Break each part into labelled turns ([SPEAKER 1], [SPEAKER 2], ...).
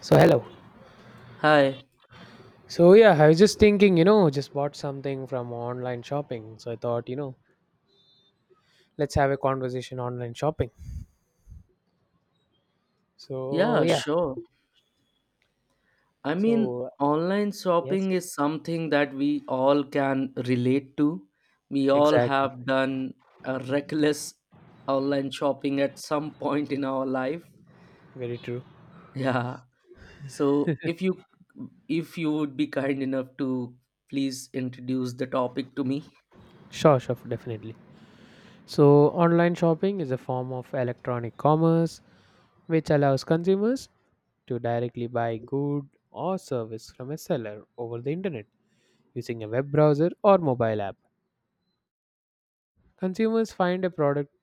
[SPEAKER 1] So hello.
[SPEAKER 2] Hi.
[SPEAKER 1] So yeah, I was just thinking, just bought something from online shopping. So I thought, let's have a conversation online shopping. So
[SPEAKER 2] Yeah,
[SPEAKER 1] yeah.
[SPEAKER 2] sure. I mean,
[SPEAKER 1] So
[SPEAKER 2] online
[SPEAKER 1] yes,
[SPEAKER 2] shopping is something that we all can relate to. We all
[SPEAKER 1] exactly.
[SPEAKER 2] have done a reckless online shopping at some point in our life.
[SPEAKER 1] Very true.
[SPEAKER 2] Yeah. So if you would be kind enough to please introduce the topic to me.
[SPEAKER 1] Sure, sure, definitely. So online shopping is a form of electronic commerce which allows consumers to directly buy good or service from a seller over the internet using a web browser or mobile app. Consumers find a product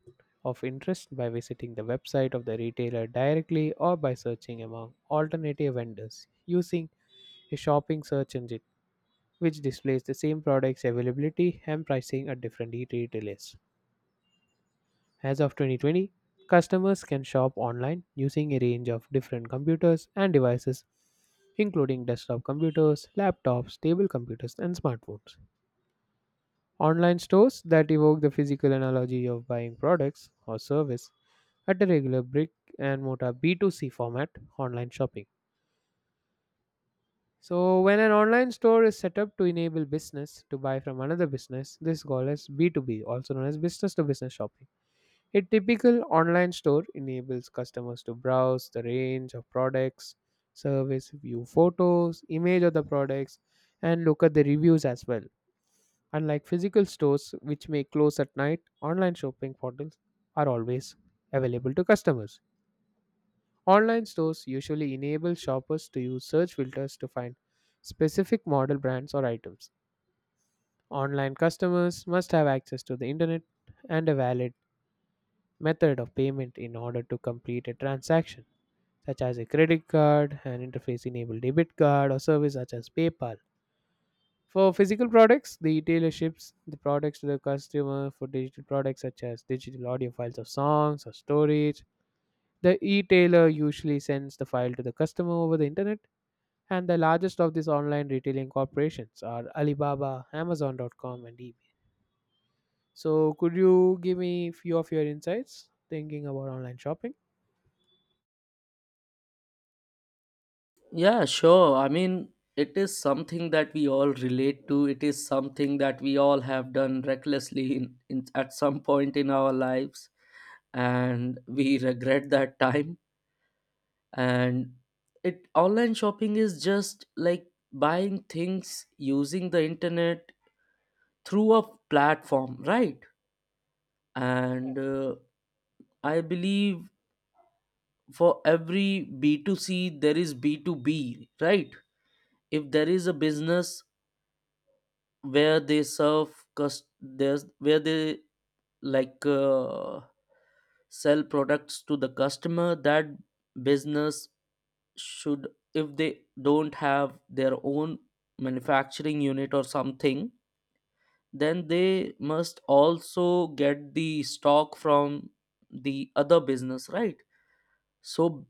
[SPEAKER 1] of interest by visiting the website of the retailer directly or by searching among alternative vendors using a shopping search engine which displays the same product's availability and pricing at different retailers. As of 2020, customers can shop online using a range of different computers and devices including desktop computers, laptops, table computers, and smartphones. Online stores that evoke the physical analogy of buying products or service at a regular brick and mortar B2C format online shopping. So, when an online store is set up to enable business to buy from another business, this is called as B2B, also known as business to business shopping. A typical online store enables customers to browse the range of products, service, view photos, image of the products, and look at the reviews as well. Unlike physical stores, which may close at night, online shopping portals are always available to customers. Online stores usually enable shoppers to use search filters to find specific model brands or items. Online customers must have access to the internet and a valid method of payment in order to complete a transaction, such as a credit card, an interface enabled debit card, or service such as PayPal. For physical products, the retailer ships the products to the customer. For digital products such as digital audio files of songs or storage, the retailer usually sends the file to the customer over the internet. And the largest of these online retailing corporations are Alibaba, Amazon.com, and eBay. So, could you give me few of your insights thinking about online shopping?
[SPEAKER 2] Yeah, sure. I mean, it is something that we all relate to. It is something that we all have done recklessly in at some point in our lives, and we regret that time. And it online shopping is just like buying things using the internet through a platform, right? And I believe for every B2C, there is B2B, right? If there is a business where they serve there's where they like uh, sell products to the customer. That business should, if they don't have their own manufacturing unit or something, then they must also get the stock from the other business, right? So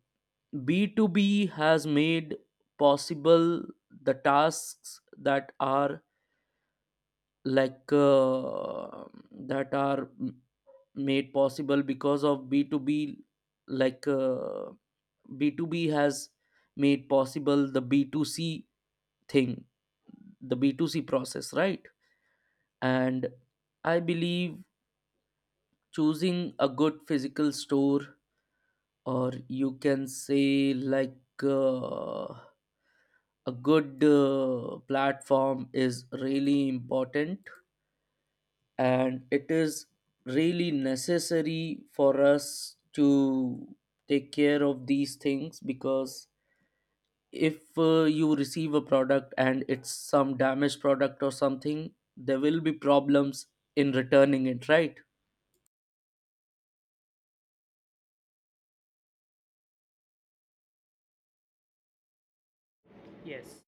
[SPEAKER 2] B2B has made possible the tasks that are like uh, that are m- made possible because of B2B. like uh, B2B has made possible the B2C thing, the B2C process, right? And I believe choosing a good physical store, or you can say uh, a good platform, is really important. And it is really necessary for us to take care of these things, because if you receive a product and it's some damaged product or something, there will be problems in returning it, right?
[SPEAKER 1] Yes.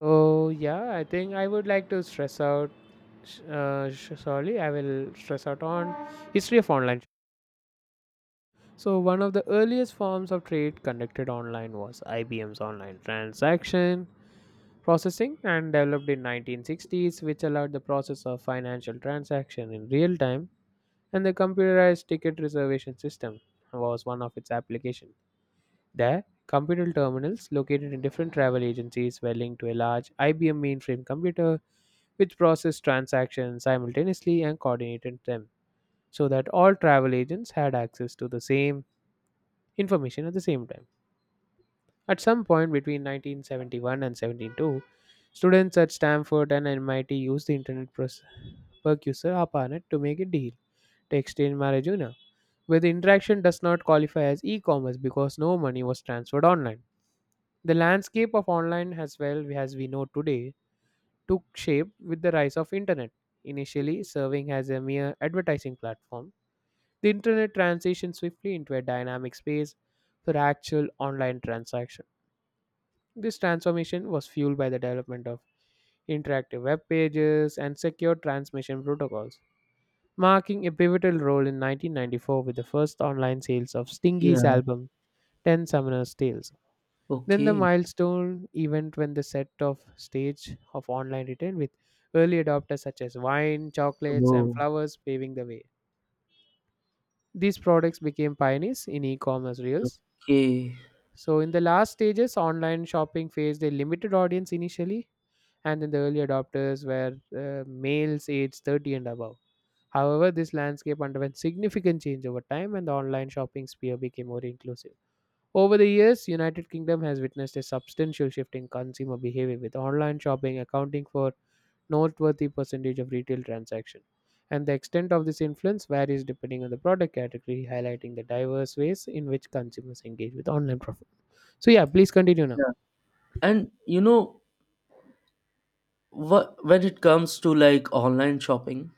[SPEAKER 1] Oh, yeah, I think I would like to stress out. Sorry, I will stress out on history of online. So, one of the earliest forms of trade conducted online was IBM's online transaction processing, and developed in 1960s, which allowed the process of financial transaction in real time and the computerized ticket reservation system was one of its applications. There, computer terminals located in different travel agencies were linked to a large IBM mainframe computer which processed transactions simultaneously and coordinated them so that all travel agents had access to the same information at the same time. At some point between 1971 and 72, students at Stanford and MIT used the precursor ARPANET to make a deal to exchange marijuana where the interaction does not qualify as e-commerce because no money was transferred online. The landscape of online as well as we know today took shape with the rise of internet, initially serving as a mere advertising platform. The internet transitioned swiftly into a dynamic space for actual online transaction. This transformation was fueled by the development of interactive web pages and secure transmission protocols, marking a pivotal role in 1994 with the first online sales of
[SPEAKER 2] Yeah.
[SPEAKER 1] Stingy's album 10 summoner's tales. Then the
[SPEAKER 2] Okay.
[SPEAKER 1] milestone event when the set of stage of online retail with early adopters such as wine chocolates and
[SPEAKER 2] Oh.
[SPEAKER 1] flowers paving the way, these products became pioneers in e-commerce reels.
[SPEAKER 2] Okay.
[SPEAKER 1] So in the last stages, online shopping faced a limited audience initially, and then the early adopters were males aged 30 and above. However, this landscape underwent significant change over time and the online shopping sphere became more inclusive. Over the years, United Kingdom has witnessed a substantial shift in consumer behavior with online shopping accounting for noteworthy percentage of retail transaction. And the extent of this influence varies depending on the product category, highlighting the diverse ways in which consumers engage with online profit. So yeah, please continue now.
[SPEAKER 2] Yeah. And you know what, when it comes to like online shopping,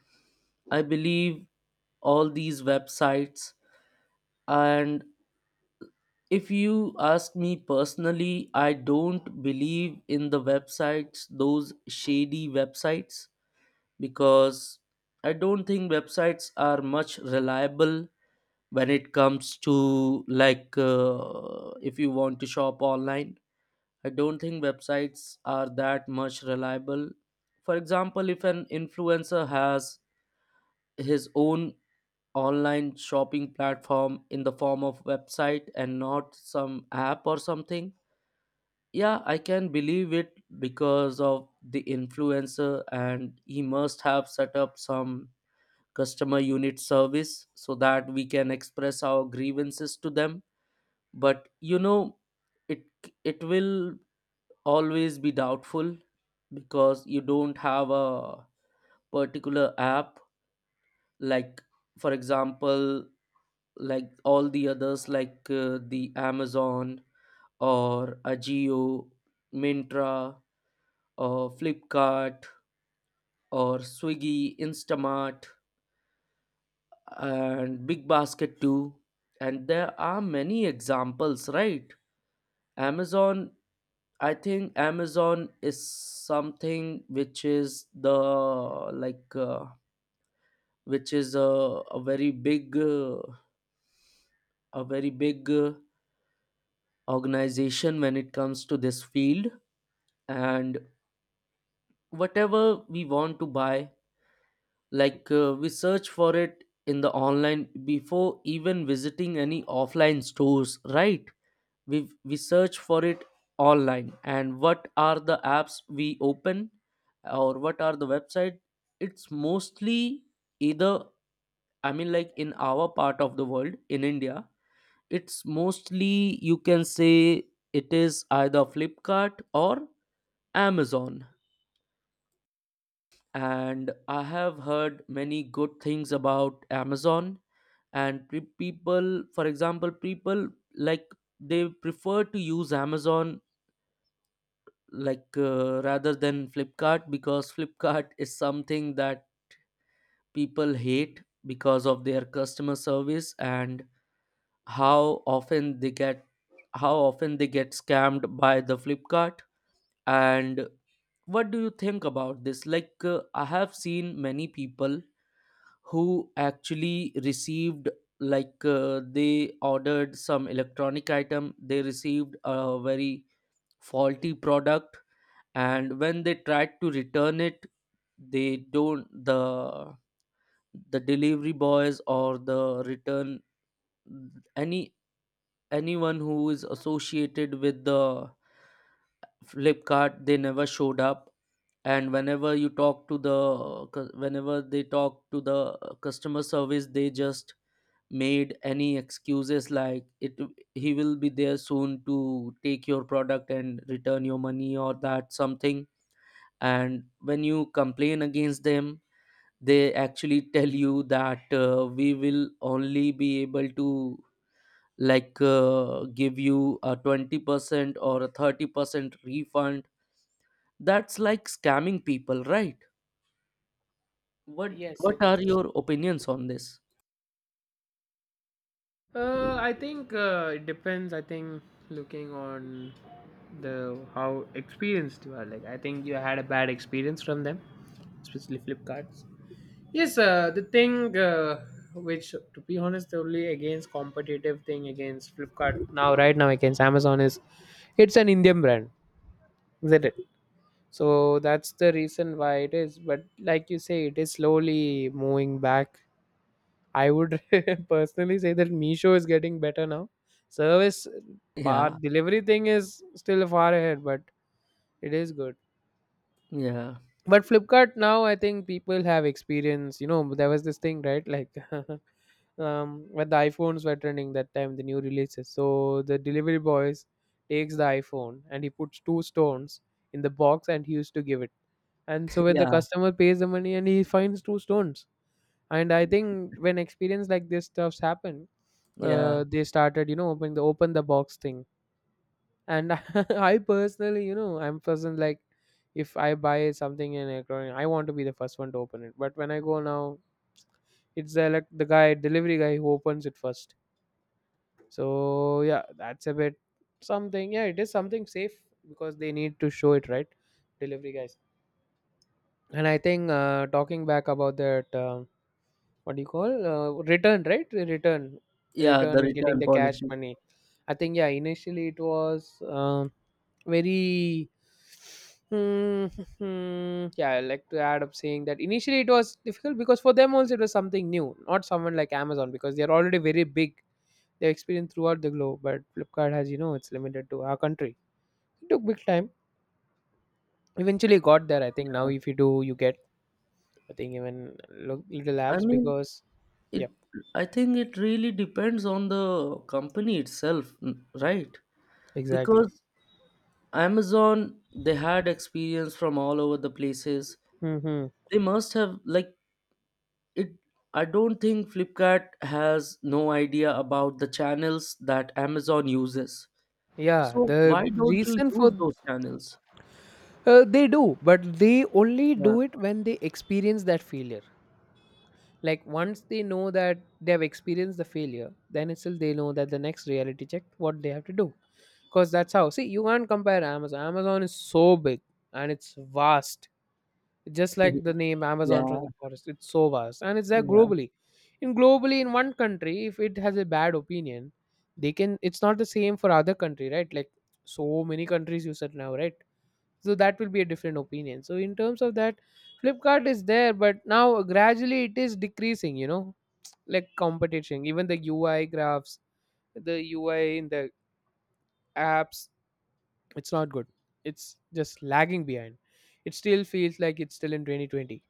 [SPEAKER 2] I believe all these websites and if you ask me personally, I don't believe in the websites, those shady websites, because I don't think websites are much reliable when it comes to if you want to shop online. I don't think websites are that much reliable. For example, if an influencer has his own online shopping platform in the form of website and not some app or something, yeah, I can believe it because of the influencer, and he must have set up some customer unit service so that we can express our grievances to them. But you know, it it will always be doubtful because you don't have a particular app. Like for example, like all the others, the Amazon, or Ajio, Mintra, or Flipkart, or Swiggy, Instamart, and Big Basket too. And there are many examples, right? Amazon, I think Amazon is something which is the like uh, which is a very big a very big organization when it comes to this field. And whatever we want to buy, we search for it in the online before even visiting any offline stores, right? We search for it online. And what are the apps we open or what are the website? It's mostly either, I mean, like in our part of the world in India, it's mostly you can say it is either Flipkart or Amazon. And I have heard many good things about Amazon. And people, for example, people like, they prefer to use Amazon, rather than Flipkart, because Flipkart is something that people hate because of their customer service and how often they get how often they get scammed by the Flipkart. And what do you think about this? I have seen many people who actually received, they ordered some electronic item, they received a very faulty product, and when they tried to return it, they don't, the delivery boys or the return, any anyone who is associated with the Flipkart, they never showed up. And whenever you talk to the whenever they talk to the customer service, they just made any excuses like it, he will be there soon to take your product and return your money or that something. And when you complain against them, they actually tell you that we will only be able to give you a 20% or a 30% refund. That's like scamming people, right? what
[SPEAKER 1] Yes,
[SPEAKER 2] what
[SPEAKER 1] it is.
[SPEAKER 2] are your opinions on this?
[SPEAKER 1] I think it depends. I think looking on the how experienced you are. Like I think you had a bad experience from them, especially Flipkarts. Yes, the thing which, to be honest, the only against competitive thing against Flipkart now, right now against Amazon is it's an Indian brand, isn't it? So that's the reason why it is. But like you say, it is slowly moving back. I would personally say that Misho is getting better now. Service
[SPEAKER 2] Yeah.
[SPEAKER 1] part delivery thing is still far ahead, but it is good.
[SPEAKER 2] Yeah.
[SPEAKER 1] But Flipkart now, I think people have experience. You know, there was this thing, right? Like when the iPhones were trending that time, the new releases. So the delivery boys takes the iPhone and he puts two stones in the box and he used to give it. And so when the
[SPEAKER 2] Yeah.
[SPEAKER 1] customer pays the money and he finds two stones, and I think when experience like this stuffs happen,
[SPEAKER 2] Yeah.
[SPEAKER 1] they started opening the open the box thing. And I personally, I'm person like if I buy something in electronic, I want to be the first one to open it. But when I go now, it's the the guy delivery guy who opens it first. So yeah, that's a bit something. Yeah, it is something safe because they need to show it, right? Delivery guys. And I think talking back about that what do you call return, right? return
[SPEAKER 2] Yeah, the
[SPEAKER 1] return and getting
[SPEAKER 2] return
[SPEAKER 1] the cash
[SPEAKER 2] policy.
[SPEAKER 1] money. I think yeah, initially it was very. Hmm, hmm, yeah, I like to add up saying that initially it was difficult because for them also it was something new, not someone like Amazon because they're already very big. They experience throughout the globe, but Flipkart has, you know, it's limited to our country. It took big time. Eventually got there. I think now if you do, you get I think even little
[SPEAKER 2] I
[SPEAKER 1] apps
[SPEAKER 2] mean,
[SPEAKER 1] because
[SPEAKER 2] it.
[SPEAKER 1] yeah,
[SPEAKER 2] I think it really depends on the company itself, right?
[SPEAKER 1] exactly.
[SPEAKER 2] Because Amazon, they had experience from all over the places.
[SPEAKER 1] Hmm.
[SPEAKER 2] They must have like it. I don't think Flipkart has no idea about the channels that Amazon uses.
[SPEAKER 1] Yeah,
[SPEAKER 2] So
[SPEAKER 1] the
[SPEAKER 2] why don't you
[SPEAKER 1] reason for
[SPEAKER 2] use those channels?
[SPEAKER 1] they do, but they only
[SPEAKER 2] Yeah.
[SPEAKER 1] do it when they experience that failure. Like once they know that they have experienced the failure, then itself they know that the next reality check what they have to do. Because that's how, see, you can't compare Amazon. Amazon is so big and it's vast, just like the name Amazon
[SPEAKER 2] Yeah,
[SPEAKER 1] from the forest, it's so vast and it's there
[SPEAKER 2] yeah.
[SPEAKER 1] globally. In globally, in one country if it has a bad opinion, they can, it's not the same for other country, right? Like so many countries you said now, right? So that will be a different opinion. So in terms of that, Flipkart is there but now gradually it is decreasing, you know, like competition. Even the UI graphs, the UI in the apps, it's not good. It's just lagging behind. It still feels like it's still in 2020.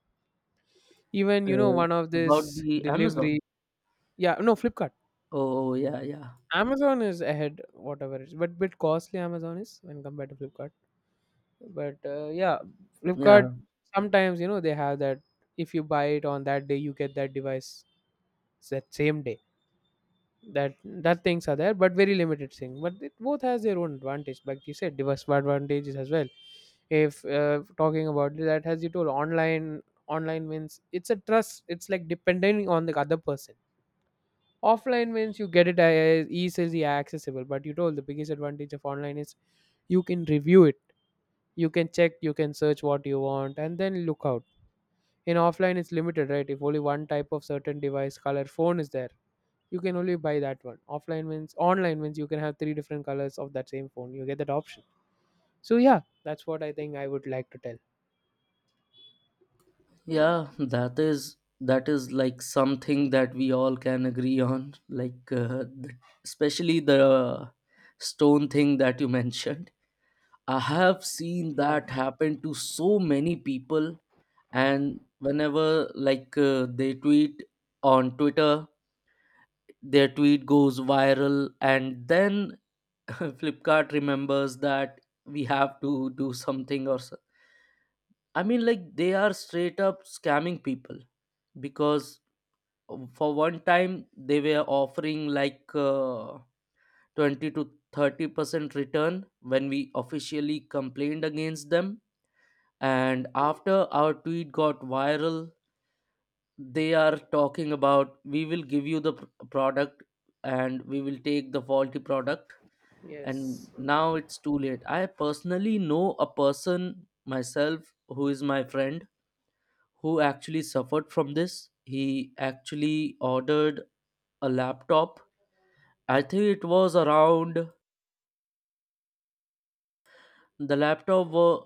[SPEAKER 1] Even you know
[SPEAKER 2] Uh,
[SPEAKER 1] one of
[SPEAKER 2] about
[SPEAKER 1] this
[SPEAKER 2] the Amazon.
[SPEAKER 1] delivery, yeah, no Flipkart.
[SPEAKER 2] Oh, oh, yeah, yeah,
[SPEAKER 1] Amazon is ahead, whatever it is, but bit costly Amazon is when compared to Flipkart. But yeah, Flipkart
[SPEAKER 2] yeah.
[SPEAKER 1] sometimes you know they have that if you buy it on that day you get that device that same day. That things are there, but very limited thing. But it both has their own advantage, like you said, device advantages as well. If talking about that, as you told, online means it's a trust. It's like depending on the other person. Offline means you get it as easily accessible, but you told the biggest advantage of online is you can review it, you can check, you can search what you want and then look out. In offline it's limited, right? If only one type of certain device color phone is there, you can only buy that one. Offline means, online means you can have three different colors of that same phone, you get that option. So yeah, that's what I think I would like to tell.
[SPEAKER 2] Yeah, that is like something that we all can agree on, especially the stone thing that you mentioned. I have seen
[SPEAKER 1] Yeah.
[SPEAKER 2] that happen to so many people, and whenever they tweet on Twitter, their tweet goes viral, and then Flipkart remembers that we have to do something or so. I mean, like they are straight up scamming people, because for one time they were offering 20 to 30% return when we officially complained against them, and after our tweet got viral, they are talking about we will give you the product and we will take the faulty product. And
[SPEAKER 1] Yes.
[SPEAKER 2] now it's too late. I personally know a person myself who is my friend, who actually suffered from this. He actually ordered a laptop. I think it was around the laptop. wa-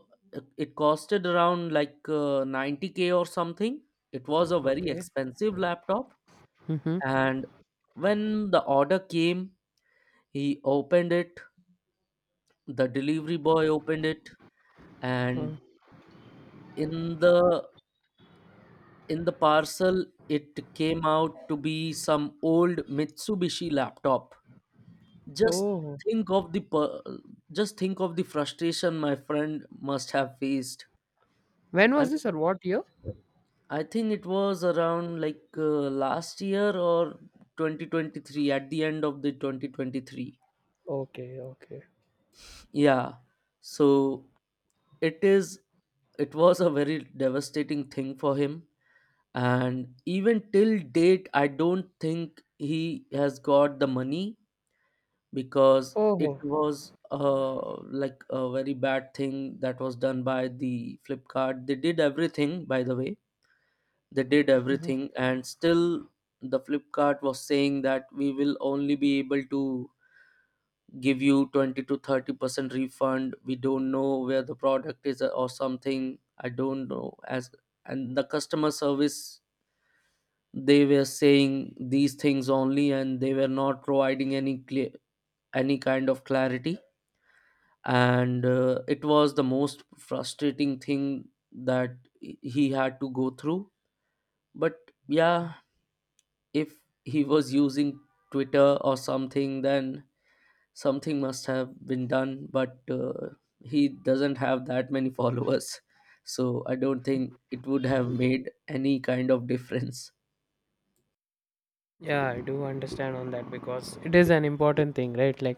[SPEAKER 2] It costed around 90k or something. It was a very
[SPEAKER 1] Okay.
[SPEAKER 2] expensive laptop.
[SPEAKER 1] Mm-hmm.
[SPEAKER 2] And when the order came, he opened it. The delivery boy opened it, and in the in the parcel, it came out to be some old Mitsubishi laptop. Just
[SPEAKER 1] Oh.
[SPEAKER 2] think of the per- just think of the frustration my friend must have faced.
[SPEAKER 1] When
[SPEAKER 2] I'm.
[SPEAKER 1] was this or what year?
[SPEAKER 2] I think it was around last year, or 2023, at the end of the 2023.
[SPEAKER 1] Okay, okay.
[SPEAKER 2] Yeah. So it is it was a very devastating thing for him, and even till date I don't think he has got the money, because it
[SPEAKER 1] Oh.
[SPEAKER 2] was like a very bad thing that was done by the Flipkart. They did everything, by the way, they did
[SPEAKER 1] Mhm.
[SPEAKER 2] everything, and still the Flipkart was saying that we will only be able to give you 20 to 30% refund. We don't know where the product is, or something, I don't know as. And the customer service, they were saying these things only, and they were not providing any kind of clarity. And it was the most frustrating thing that he had to go through. But yeah, if he was using Twitter or something, then something must have been done. But he doesn't have that many followers, so I don't think it would have made any kind of difference.
[SPEAKER 1] Yeah, I do understand on that because it is an important thing, right? Like,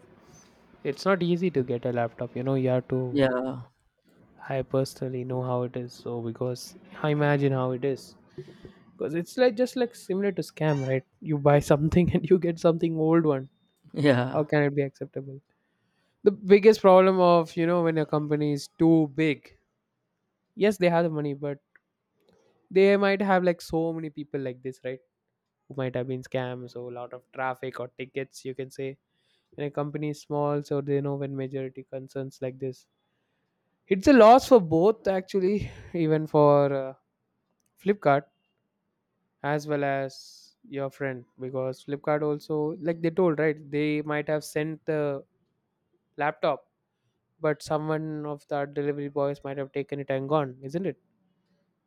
[SPEAKER 1] it's not easy to get a laptop. You know, you have to.
[SPEAKER 2] Yeah,
[SPEAKER 1] I personally know how it is, so because I imagine how it is. Because it's like just like similar to scam, right? You buy something and you get something old one. How
[SPEAKER 2] yeah,
[SPEAKER 1] can it be acceptable? The biggest problem of you know when a company is too big. Yes, they have the money, but they might have like so many people like this, right? Who might have been scammed, so a lot of traffic or tickets, you can say. When a company is small, so they know when majority concerns like this, it's a loss for both actually, even for Flipkart, as well as your friend, because Flipkart also, like they told, right, they might have sent the laptop, but someone of the delivery boys might have taken it and gone, isn't it?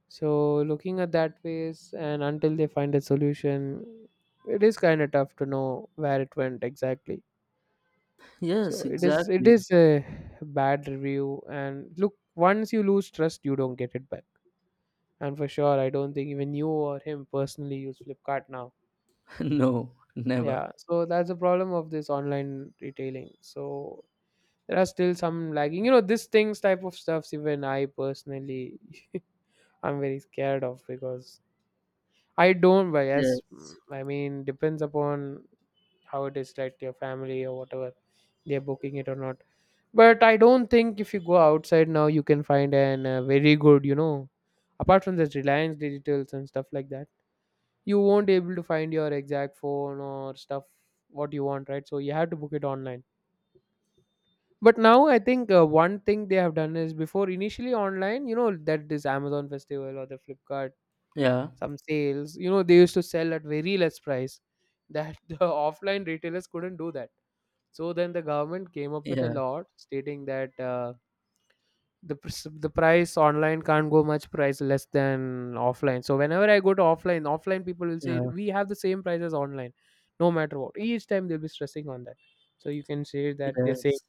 [SPEAKER 1] So looking at that ways, and until they find a solution, it is kind of tough to know where it went exactly. So
[SPEAKER 2] yes,
[SPEAKER 1] it is it
[SPEAKER 2] exactly.
[SPEAKER 1] is a bad review, and look, once you lose trust you don't get it back. And for sure, I don't think even you or him personally use Flipkart now.
[SPEAKER 2] No, never.
[SPEAKER 1] Yeah. So that's the problem of this online retailing. So there are still some lagging. You know, this things type of stuffs, even I personally I'm very scared of, because I don't buy, yes,
[SPEAKER 2] Yes,
[SPEAKER 1] I mean, depends upon how it is, like your family or whatever they're booking it or not. But I don't think, if you go outside now, you can find an very good, you know, apart from this Reliance Digitals and stuff like that, you won't be able to find your exact phone or stuff what you want, right? So you have to book it online. But now I think one thing they have done is, before initially online, you know, that this Amazon festival or the Flipkart
[SPEAKER 2] yeah,
[SPEAKER 1] some sales, you know, they used to sell at very less price that the offline retailers couldn't do that. So then the government came up with a
[SPEAKER 2] yeah,
[SPEAKER 1] law stating that. The price online can't go much price less than offline, so whenever I go to offline, offline people will say
[SPEAKER 2] yeah,
[SPEAKER 1] we have the same price as online, no matter what. Each time they'll be stressing on that, so you can say that they say
[SPEAKER 2] yes,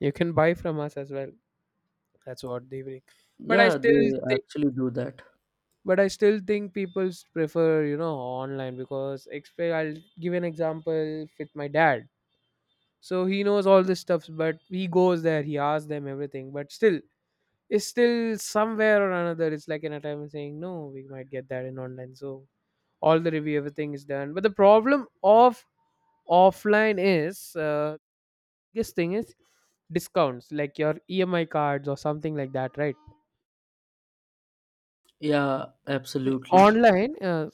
[SPEAKER 1] you can buy from us as well. That's what they bring. but i
[SPEAKER 2] yeah.
[SPEAKER 1] still
[SPEAKER 2] They
[SPEAKER 1] think
[SPEAKER 2] actually do that.
[SPEAKER 1] but i still think people prefer, you know, online, because I'll give an example with my dad. So he knows all this stuff, but he goes there, he asks them everything, but still is still somewhere or another. It's like an attempt saying, no, we might get that in online. So all the review, everything is done. But the problem of offline is, biggest thing is discounts, like your EMI cards or something like that, right?
[SPEAKER 2] Yeah,
[SPEAKER 1] In
[SPEAKER 2] absolutely.
[SPEAKER 1] online, uh,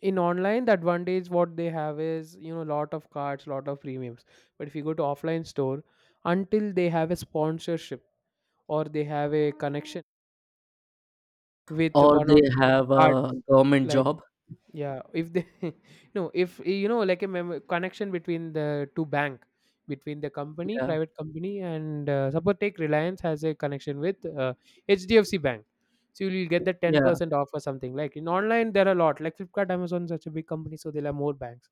[SPEAKER 1] in online, the advantage what they have is, you know, lot of cards, lot of premiums. But if you go to offline store, until they have a sponsorship or they have a connection with
[SPEAKER 2] Or
[SPEAKER 1] one
[SPEAKER 2] they
[SPEAKER 1] of the
[SPEAKER 2] have
[SPEAKER 1] cards,
[SPEAKER 2] a government
[SPEAKER 1] like,
[SPEAKER 2] job.
[SPEAKER 1] yeah, if they no, if you know like a connection between the two bank, between the company,
[SPEAKER 2] Yeah,
[SPEAKER 1] private company, and suppose take Reliance has a connection with HDFC bank, so you'll get the
[SPEAKER 2] yeah.
[SPEAKER 1] 10% off or something. Like in online there are a lot, like Flipkart, Amazon, such a big company, so they'll have more banks.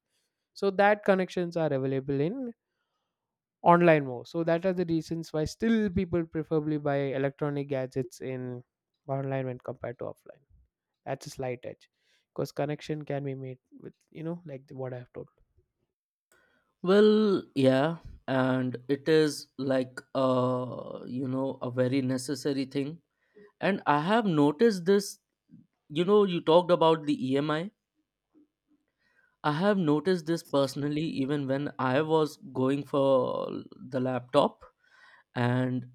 [SPEAKER 1] So that connections are available in online more, so that are the reasons why still people preferably buy electronic gadgets in online when compared to offline. That's a slight edge because connection can be made with, you know, like the, what I've told.
[SPEAKER 2] Well, yeah, and it is like you know, a very necessary thing. And I have noticed this, you know, you talked about the EMI. I have noticed this personally even when I was going for the laptop, and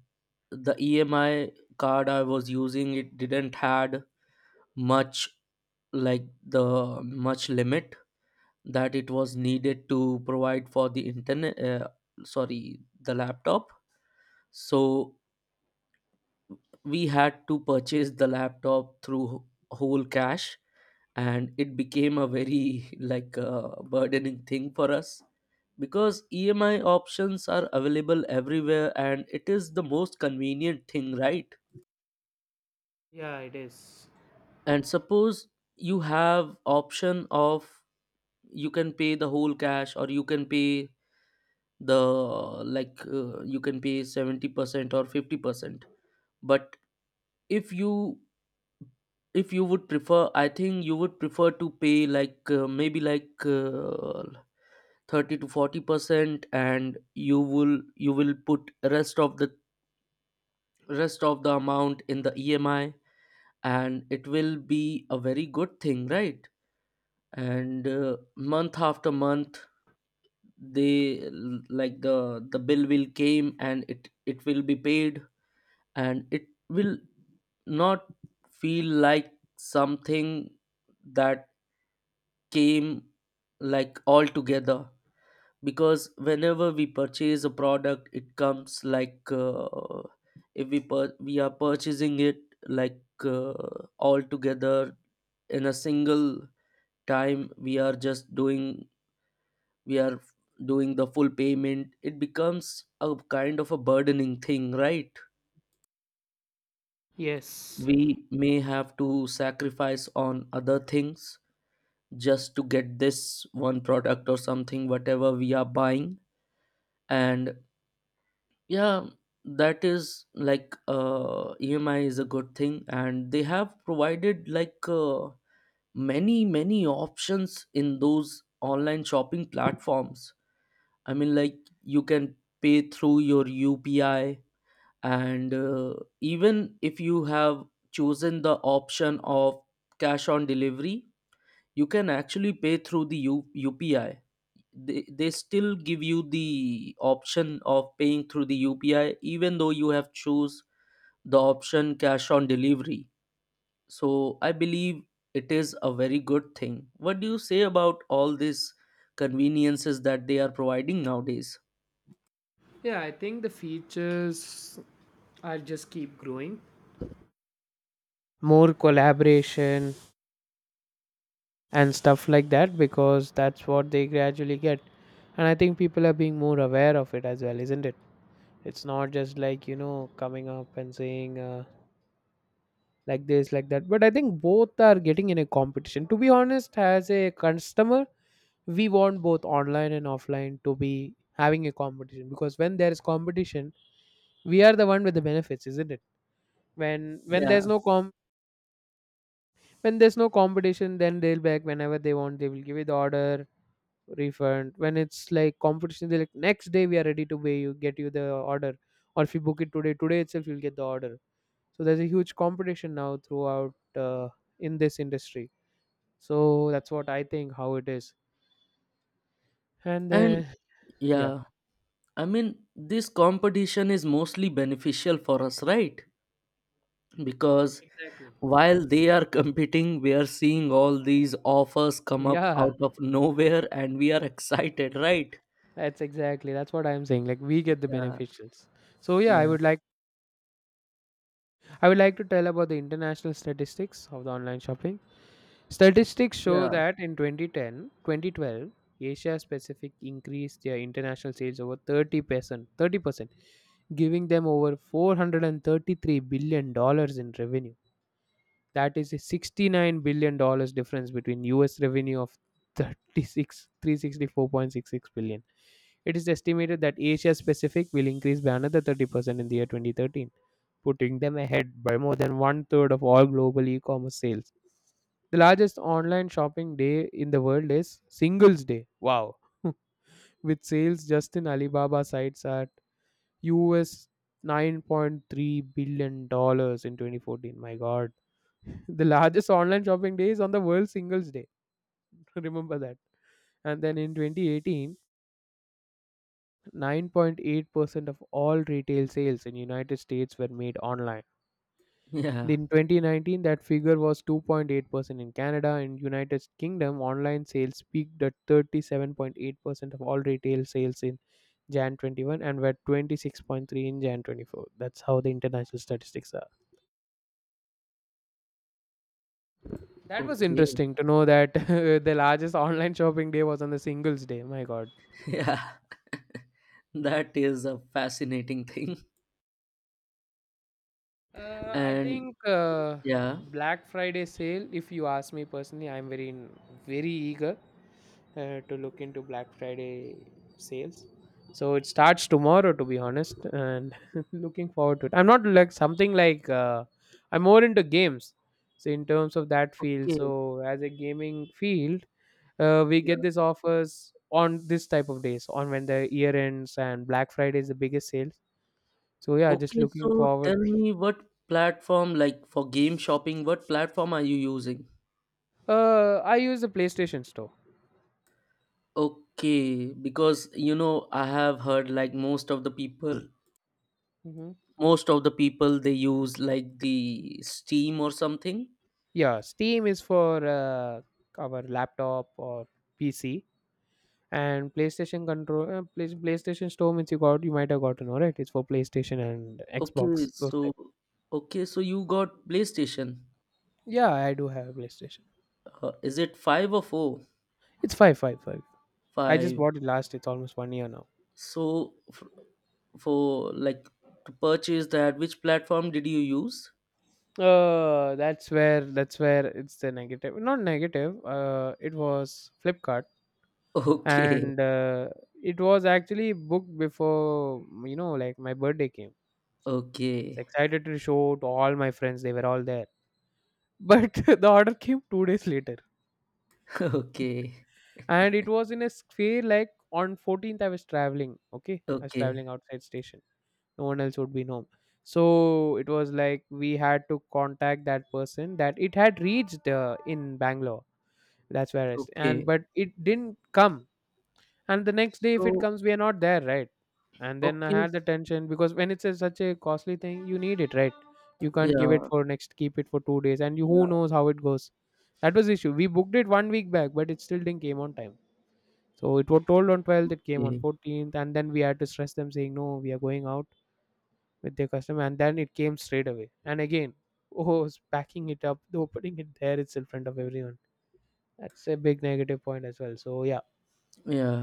[SPEAKER 2] the EMI card I was using, it didn't had much, like, the much limit that it was needed to provide for the internet, sorry, the laptop. So we had to purchase the laptop through whole cash, and it became a very burdening thing for us, because EMI options are available everywhere, and it is the most convenient thing, right?
[SPEAKER 1] Yeah, it is.
[SPEAKER 2] And suppose you have option of, you can pay the whole cash or you can pay 70% or 50%. But if you if you would prefer, I think you would prefer to pay maybe 30 to 40%, and you will put rest of the rest of the amount in the EMI, and it will be a very good thing, right? And month after month, like the bill will came, and it will be paid, and it will not feel like something that came like all together. Because whenever we purchase a product, it comes if we are purchasing it like uh, all together in a single time, we are doing the full payment, it becomes a kind of a burdening thing, right?
[SPEAKER 1] Yes.
[SPEAKER 2] We may have to sacrifice on other things just to get this one product or something whatever we are buying. And yeah, that is like EMI is a good thing, and they have provided many many options in those online shopping platforms. I mean, like, you can pay through your UPI. And even if you have chosen the option of cash on delivery, you can actually pay through the UPI. They still give you the option of paying through the UPI, even though you have choose the option cash on delivery. So I believe it is a very good thing. What do you say about all these conveniences that they are providing nowadays?
[SPEAKER 1] Yeah, I think the features are just keep growing. More collaboration and stuff like that, because that's what they gradually get. And I think people are being more aware of it as well, isn't it? It's not just like, you know, coming up and saying like this, like that. But I think both are getting in a competition. To be honest, as a customer, we want both online and offline to be having a competition, because when there is competition, we are the one with the benefits, isn't it? when when
[SPEAKER 2] Yeah.
[SPEAKER 1] there's no com when there's no competition, then they'll back whenever they want, they will give you the order refund. When it's like competition, they're like, next day we are ready to pay, you get you the order, or if you book it today, today itself you'll get the order. So there's a huge competition now throughout in this industry. So that's what I think how it is. And
[SPEAKER 2] And
[SPEAKER 1] yeah,
[SPEAKER 2] yeah. I mean, this competition is mostly beneficial for us, right? Because
[SPEAKER 1] exactly,
[SPEAKER 2] while they are competing, we are seeing all these offers come up
[SPEAKER 1] yeah.
[SPEAKER 2] out of nowhere, and we are excited, right?
[SPEAKER 1] That's exactly, that's what I'm saying. Like we get the
[SPEAKER 2] Yeah,
[SPEAKER 1] beneficials. So yeah, I
[SPEAKER 2] yeah,
[SPEAKER 1] would like I would like to tell about the international statistics of the online shopping. Statistics show
[SPEAKER 2] yeah,
[SPEAKER 1] that in 2010, 2012, Asia Pacific increased their international sales over 30%, 30%, giving them over $433 billion in revenue. That is a $69 billion difference between US revenue of 36 364.66 billion. It is estimated that Asia Pacific will increase by another 30% in the year 2013, putting them ahead by more than one third of all global e commerce sales. The largest online shopping day in the world is Singles Day. Wow. With sales just in Alibaba sites at US $9.3 billion dollars in 2014. My God. The largest online shopping day is on the World Singles Day. Remember that. And then in 2018, 9.8% of all retail sales in United States were made online.
[SPEAKER 2] yeah.
[SPEAKER 1] In 2019, that figure was 2.8% in Canada. In United Kingdom, online sales peaked at 37.8% of all retail sales in Jan 21 and were 26.3 in Jan 24. That's how the international statistics are. That was
[SPEAKER 2] Okay.
[SPEAKER 1] interesting to know that the largest online shopping day was on the Singles Day. My God.
[SPEAKER 2] Yeah. That is a fascinating thing.
[SPEAKER 1] I
[SPEAKER 2] And
[SPEAKER 1] think
[SPEAKER 2] yeah,
[SPEAKER 1] Black Friday sale. If you ask me personally, I'm very eager to look into Black Friday sales. So it starts tomorrow, to be honest, and looking forward to it. I'm not like something like I'm more into games. So in terms of that field,
[SPEAKER 2] okay.
[SPEAKER 1] so as a gaming field, we
[SPEAKER 2] Yeah.
[SPEAKER 1] get these offers on this type of days, on when the year ends and Black Friday is the biggest sales. So yeah, just
[SPEAKER 2] Okay,
[SPEAKER 1] looking
[SPEAKER 2] so
[SPEAKER 1] forward.
[SPEAKER 2] tell me what platform, like for game shopping, what platform are you using?
[SPEAKER 1] I use the PlayStation Store.
[SPEAKER 2] Okay, because you know, I have heard like most of the people
[SPEAKER 1] Hmm.
[SPEAKER 2] most of the people they use like the Steam or something.
[SPEAKER 1] Yeah, Steam is for our laptop or PC, and PlayStation control PlayStation Store means you might have gotten, alright. It's for PlayStation and
[SPEAKER 2] okay
[SPEAKER 1] Xbox, those
[SPEAKER 2] so
[SPEAKER 1] type.
[SPEAKER 2] okay so you got PlayStation.
[SPEAKER 1] Yeah, I do have a PlayStation.
[SPEAKER 2] Is it five or four
[SPEAKER 1] It's five. I just
[SPEAKER 2] five
[SPEAKER 1] bought it last. It's almost one year now.
[SPEAKER 2] So, for like to purchase that, which platform did you use?
[SPEAKER 1] That's where it's the negative. Not negative. It was Flipkart,
[SPEAKER 2] Okay.
[SPEAKER 1] and it was actually booked before, you know, like my birthday came, was
[SPEAKER 2] Okay.
[SPEAKER 1] excited to show to all my friends. They were all there. But the order came 2 days later.
[SPEAKER 2] Okay,
[SPEAKER 1] And it was in a sphere like on 14th, I was traveling. Okay. I was
[SPEAKER 2] okay,
[SPEAKER 1] traveling outside station. No one else would be home. So it was like we had to contact that person that it had reached in Bangalore. That's where I and
[SPEAKER 2] okay.
[SPEAKER 1] but it didn't come. And the next day, if it
[SPEAKER 2] So
[SPEAKER 1] comes, we are not there, right? And then I
[SPEAKER 2] okay.
[SPEAKER 1] had the tension because when it's a, such a costly thing, you need it, right? You can't give it
[SPEAKER 2] Yeah,
[SPEAKER 1] for next, keep it for 2 days, and you,
[SPEAKER 2] yeah.
[SPEAKER 1] who knows how it goes. That was the issue, we booked it one week back, but it still didn't came on time. So it was told on 12th, it came on
[SPEAKER 2] Okay.
[SPEAKER 1] 14th, and then we had to stress them, saying, no, we are going out with their customer, and then it came straight away and again oh, packing it up, opening it there, it's in front of everyone. That's a big negative point as well. So yeah,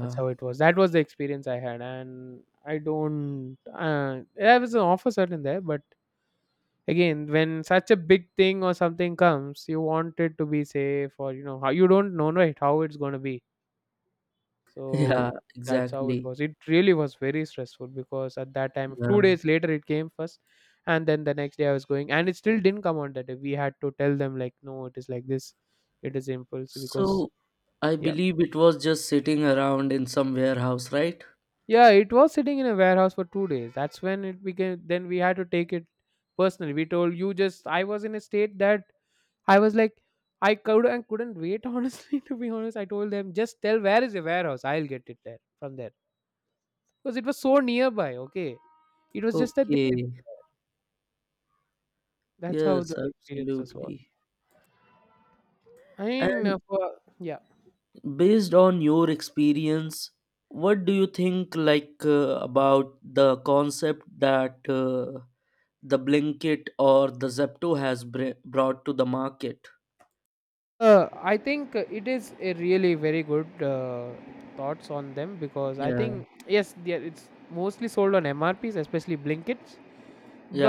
[SPEAKER 1] that's how it was. That was the experience I had, and I don't. I was an offer certain there, but again, when such a big thing or something comes, you want it to be safe, or you know how you don't know, right, how it's going to be.
[SPEAKER 2] Yeah,
[SPEAKER 1] So that's how it
[SPEAKER 2] exactly.
[SPEAKER 1] was. It really was very stressful because at that time, two
[SPEAKER 2] Yeah.
[SPEAKER 1] days later, it came first, and then the next day I was going, and it still didn't come on that day. We had to tell them like, no, it is like this, it is impulse because,
[SPEAKER 2] So, I
[SPEAKER 1] yeah.
[SPEAKER 2] believe it was just sitting around in some warehouse, right?
[SPEAKER 1] Yeah, it was sitting in a warehouse for 2 days. That's when it became. Then we had to take it personally. We told you just. I was in a state that I was like, I could and couldn't wait. Honestly, to be honest, I told them just tell where is the warehouse, I'll get it there from there, because it was so nearby. Okay, it was just that they.
[SPEAKER 2] Okay.
[SPEAKER 1] That's how
[SPEAKER 2] Yes,
[SPEAKER 1] the experiences was.
[SPEAKER 2] absolutely.
[SPEAKER 1] I mean,
[SPEAKER 2] And
[SPEAKER 1] for, yeah.
[SPEAKER 2] based on your experience, what do you think about the concept that the Blinkit or the Zepto has br brought to the market?
[SPEAKER 1] I think it is a really very good thoughts on them, because I
[SPEAKER 2] Yeah.
[SPEAKER 1] think yes, there it's mostly sold on MRPs, especially Blinkits.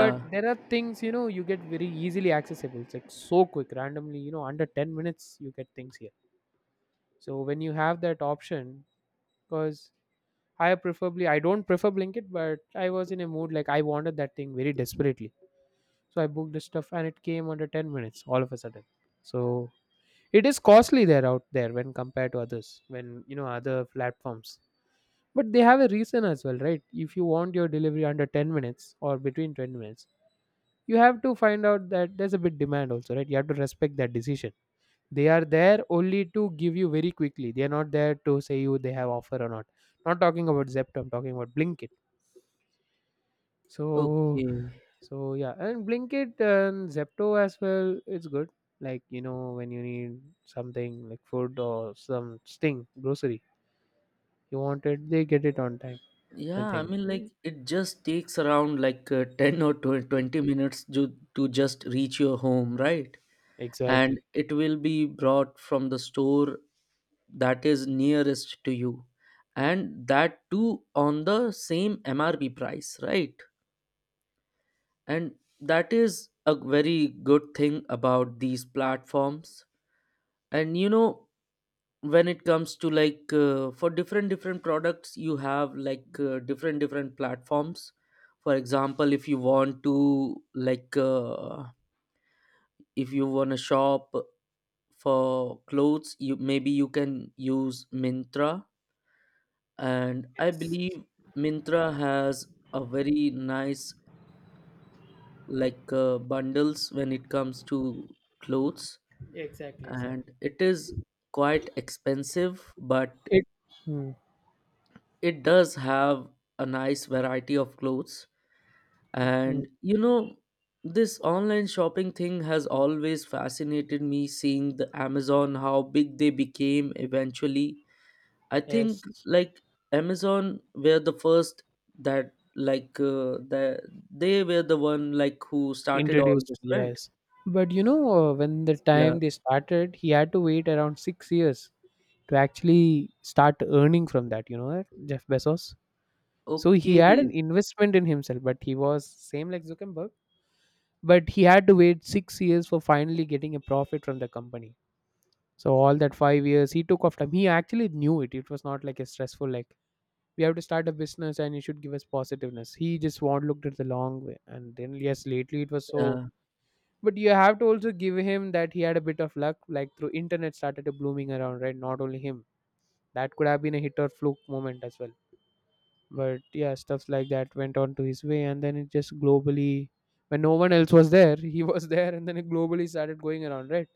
[SPEAKER 1] But there are things, you know, you get very easily accessible. It's like so quick, randomly, you know, under 10 minutes you get things here. So when you have that option, because I don't prefer Blinkit, but I was in a mood like I wanted that thing very desperately, so I booked the stuff and it came under 10 minutes all of a sudden. So it is costly there out there when compared to others, when, other platforms. But they have a reason as well, right? If you want your delivery under 10 minutes or between 20 minutes, you have to find out that there's a bit demand also, right? You have to respect that decision. They are there only to give you very quickly. They are not there to say you they have offer or not. Not talking about Zepto, I'm talking about Blinkit. So
[SPEAKER 2] Okay.
[SPEAKER 1] So yeah, and Blinkit and Zepto as well. It's good. Like when you need something like food or some sting grocery you want it, they get it on time. I
[SPEAKER 2] Yeah, I
[SPEAKER 1] think
[SPEAKER 2] mean, like it just takes around 10 or 20 minutes to just reach your home, right? And
[SPEAKER 1] Exactly.
[SPEAKER 2] it will be brought from the store that is nearest to you, and that too on the same MRP price, right? And that is a very good thing about these platforms. And you know, when it comes to for different different products, you have different different platforms. For example, if you want to, if you want to shop for clothes, you maybe you can use Mintra. And I
[SPEAKER 1] Yes,
[SPEAKER 2] believe Mintra has a very nice bundles when it comes to clothes.
[SPEAKER 1] exactly,
[SPEAKER 2] And
[SPEAKER 1] exactly.
[SPEAKER 2] it is quite expensive, but
[SPEAKER 1] It hmm,
[SPEAKER 2] it does have a nice variety of clothes.
[SPEAKER 1] it- hmm,
[SPEAKER 2] And you know, this online shopping thing has always fascinated me, seeing the Amazon, how big they became eventually. I think,
[SPEAKER 1] yes,
[SPEAKER 2] like, Amazon were the first that they were the one like who started all this,
[SPEAKER 1] introduced.
[SPEAKER 2] right?
[SPEAKER 1] Yes, but when the
[SPEAKER 2] Yeah.
[SPEAKER 1] time they started, he had to wait around 6 years to actually start earning from that. You know that Jeff Bezos. So he
[SPEAKER 2] Okay.
[SPEAKER 1] had an investment in himself, but he was same like Zuckerberg, but he had to wait 6 years for finally getting a profit from the company. So all that 5 years he took off time. He actually knew it. It was not like a stressful like we have to start a business and you should give us positiveness. He just want looked at the long way. And then yes, lately it was so,
[SPEAKER 2] Yeah.
[SPEAKER 1] but you have to also give him that he had a bit of luck, like through internet started blooming around, right? Not only him. That could have been a hit or fluke moment as well, but yeah, stuffs like that went on to his way, and then it just globally when no one else was there he was there, and then it globally started going around, right?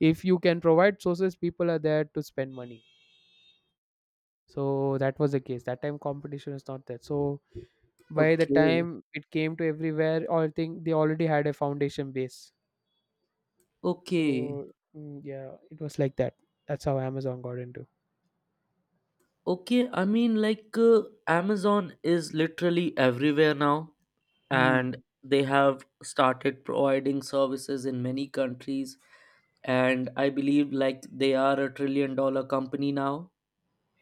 [SPEAKER 1] If you can provide sources, people are there to spend money. So that was the case. That time competition is not there. So by the
[SPEAKER 2] Okay.
[SPEAKER 1] time it came to everywhere, I think they already had a foundation base. So
[SPEAKER 2] Okay.
[SPEAKER 1] yeah, it was like that. That's how Amazon got into.
[SPEAKER 2] Okay. I mean, Amazon is literally everywhere now,
[SPEAKER 1] Hmm.
[SPEAKER 2] and they have started providing services in many countries. And I believe like they are a trillion dollar company now,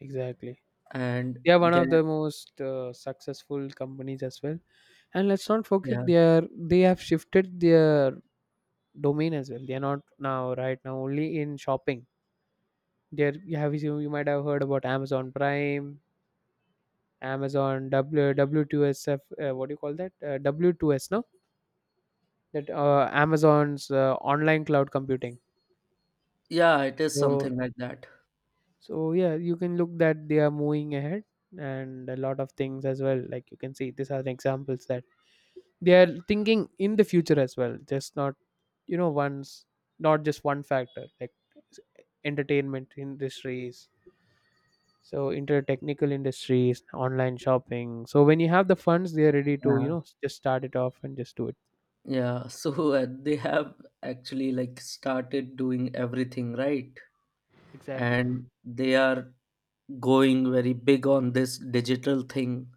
[SPEAKER 1] Exactly.
[SPEAKER 2] and
[SPEAKER 1] They are one
[SPEAKER 2] they
[SPEAKER 1] of the most successful companies as well. And let's not
[SPEAKER 2] yeah,
[SPEAKER 1] forget, they have shifted their domain as well. They are not now right now only in shopping. There, you might have heard about Amazon Prime. Amazon w w2sf, what do you call that, w2s, no, that, Amazon's online cloud computing.
[SPEAKER 2] yeah, it is
[SPEAKER 1] so
[SPEAKER 2] something like that.
[SPEAKER 1] so yeah, you can look that they are moving ahead and a lot of things as well. Like you can see, these are the examples that they are thinking in the future as well. Just not, once, not just one factor like s- entertainment industries. So into technical industries, online shopping. So when you have the funds, they are ready to
[SPEAKER 2] Yeah.
[SPEAKER 1] just start it off and just do it.
[SPEAKER 2] Yeah. So they have actually like started doing everything, right.
[SPEAKER 1] Exactly.
[SPEAKER 2] And they are going very big on this digital thing.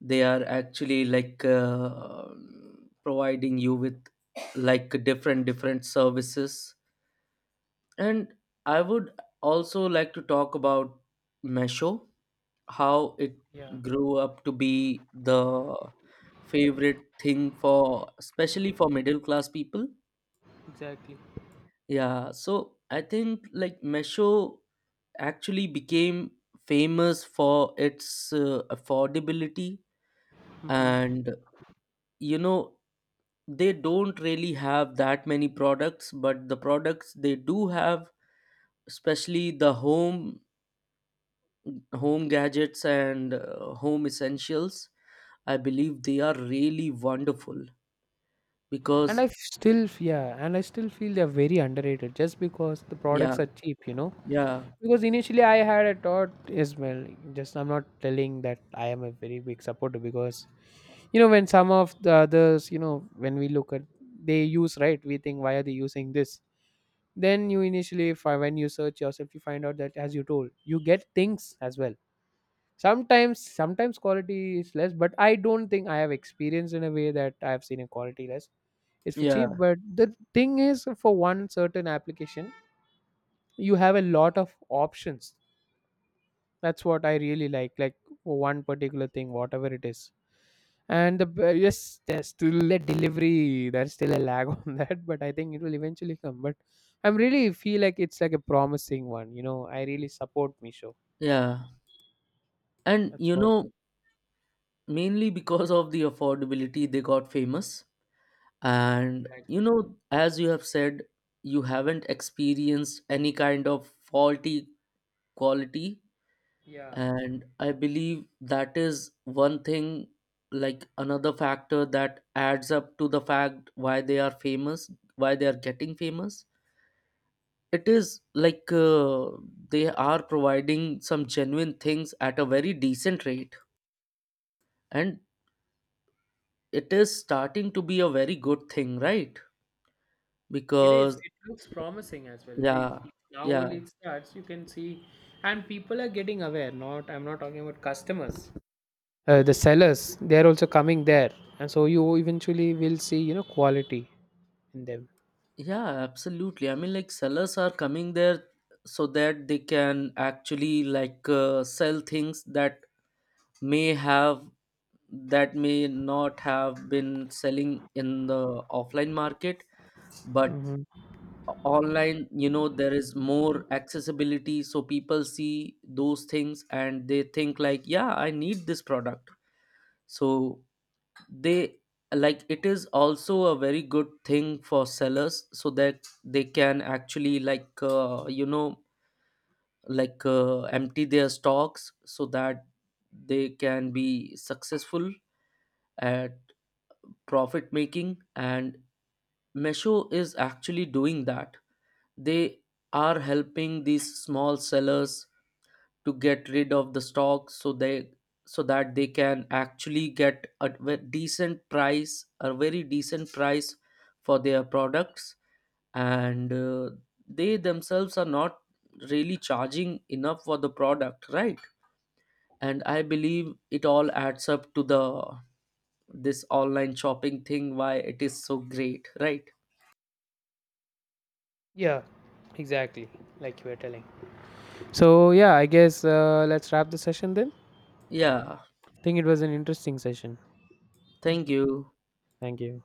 [SPEAKER 2] They are actually providing you with like different different services. And I would also like to talk about Mesho, how it
[SPEAKER 1] Yeah,
[SPEAKER 2] grew up to be the favorite thing for, especially for middle class people.
[SPEAKER 1] exactly.
[SPEAKER 2] Yeah, so I think like Mesho actually became famous for its affordability.
[SPEAKER 1] hmm
[SPEAKER 2] And you know, they don't really have that many products, but the products they do have, especially the home gadgets and home essentials, I believe they are really wonderful.
[SPEAKER 1] and
[SPEAKER 2] Because
[SPEAKER 1] I f- still f- yeah, and I still feel they're very underrated just because the
[SPEAKER 2] yeah,
[SPEAKER 1] products are cheap.
[SPEAKER 2] yeah,
[SPEAKER 1] Because initially I had a thought as well, just I'm not telling that I am a very big supporter because when some of the others, when we look at, they use, right, we think why are they using this. Then you when you search yourself, you find out that as you told, you get things as well. Sometimes quality is less, but I don't think I have experienced in a way that I have seen a quality less. It's for cheap,
[SPEAKER 2] yeah,
[SPEAKER 1] but the thing is for one certain application you have a lot of options. That's what I really like, for one particular thing, whatever it is. Yes, there's still a delivery. There's still a lag on that, but I think it will eventually come. But I'm really feel like it's like a promising one. I really support Misho.
[SPEAKER 2] yeah. And
[SPEAKER 1] That's
[SPEAKER 2] you
[SPEAKER 1] what.
[SPEAKER 2] know, mainly because of the affordability they got famous. And
[SPEAKER 1] Exactly.
[SPEAKER 2] you know, as you have said, you haven't experienced any kind of faulty quality,
[SPEAKER 1] Yeah,
[SPEAKER 2] and I believe that is one thing, like another factor that adds up to the fact why they are famous, why they are getting famous. It is they are providing some genuine things at a very decent rate, and it is starting to be a very good thing, right?
[SPEAKER 1] it is.
[SPEAKER 2] Because
[SPEAKER 1] It looks promising as well.
[SPEAKER 2] yeah,
[SPEAKER 1] Now
[SPEAKER 2] yeah,
[SPEAKER 1] only it starts, you can see, and people are getting aware. Not, I'm not talking about customers. The sellers, they're also coming there, and so you eventually will see, quality in them.
[SPEAKER 2] yeah, absolutely. I mean, like sellers are coming there so that they can actually sell things may have that may not have been selling in the offline market. But
[SPEAKER 1] Hmm.
[SPEAKER 2] online, you know, there is more accessibility, so people see those things and they think like, yeah, I need this product. So they, like, it is also a very good thing for sellers so that they can actually empty their stocks, so that they can be successful at profit making. And Mesho is actually doing that. They are helping these small sellers to get rid of the stocks, so that they can actually get a very decent price for their products. And they themselves are not really charging enough for the product, right? And I believe it all adds up to the this online shopping thing, why it is so great, right?
[SPEAKER 1] Yeah, exactly. Like you were telling. So yeah, I guess let's wrap the session then.
[SPEAKER 2] Yeah.
[SPEAKER 1] Think it was an interesting session.
[SPEAKER 2] Thank you.
[SPEAKER 1] Thank you.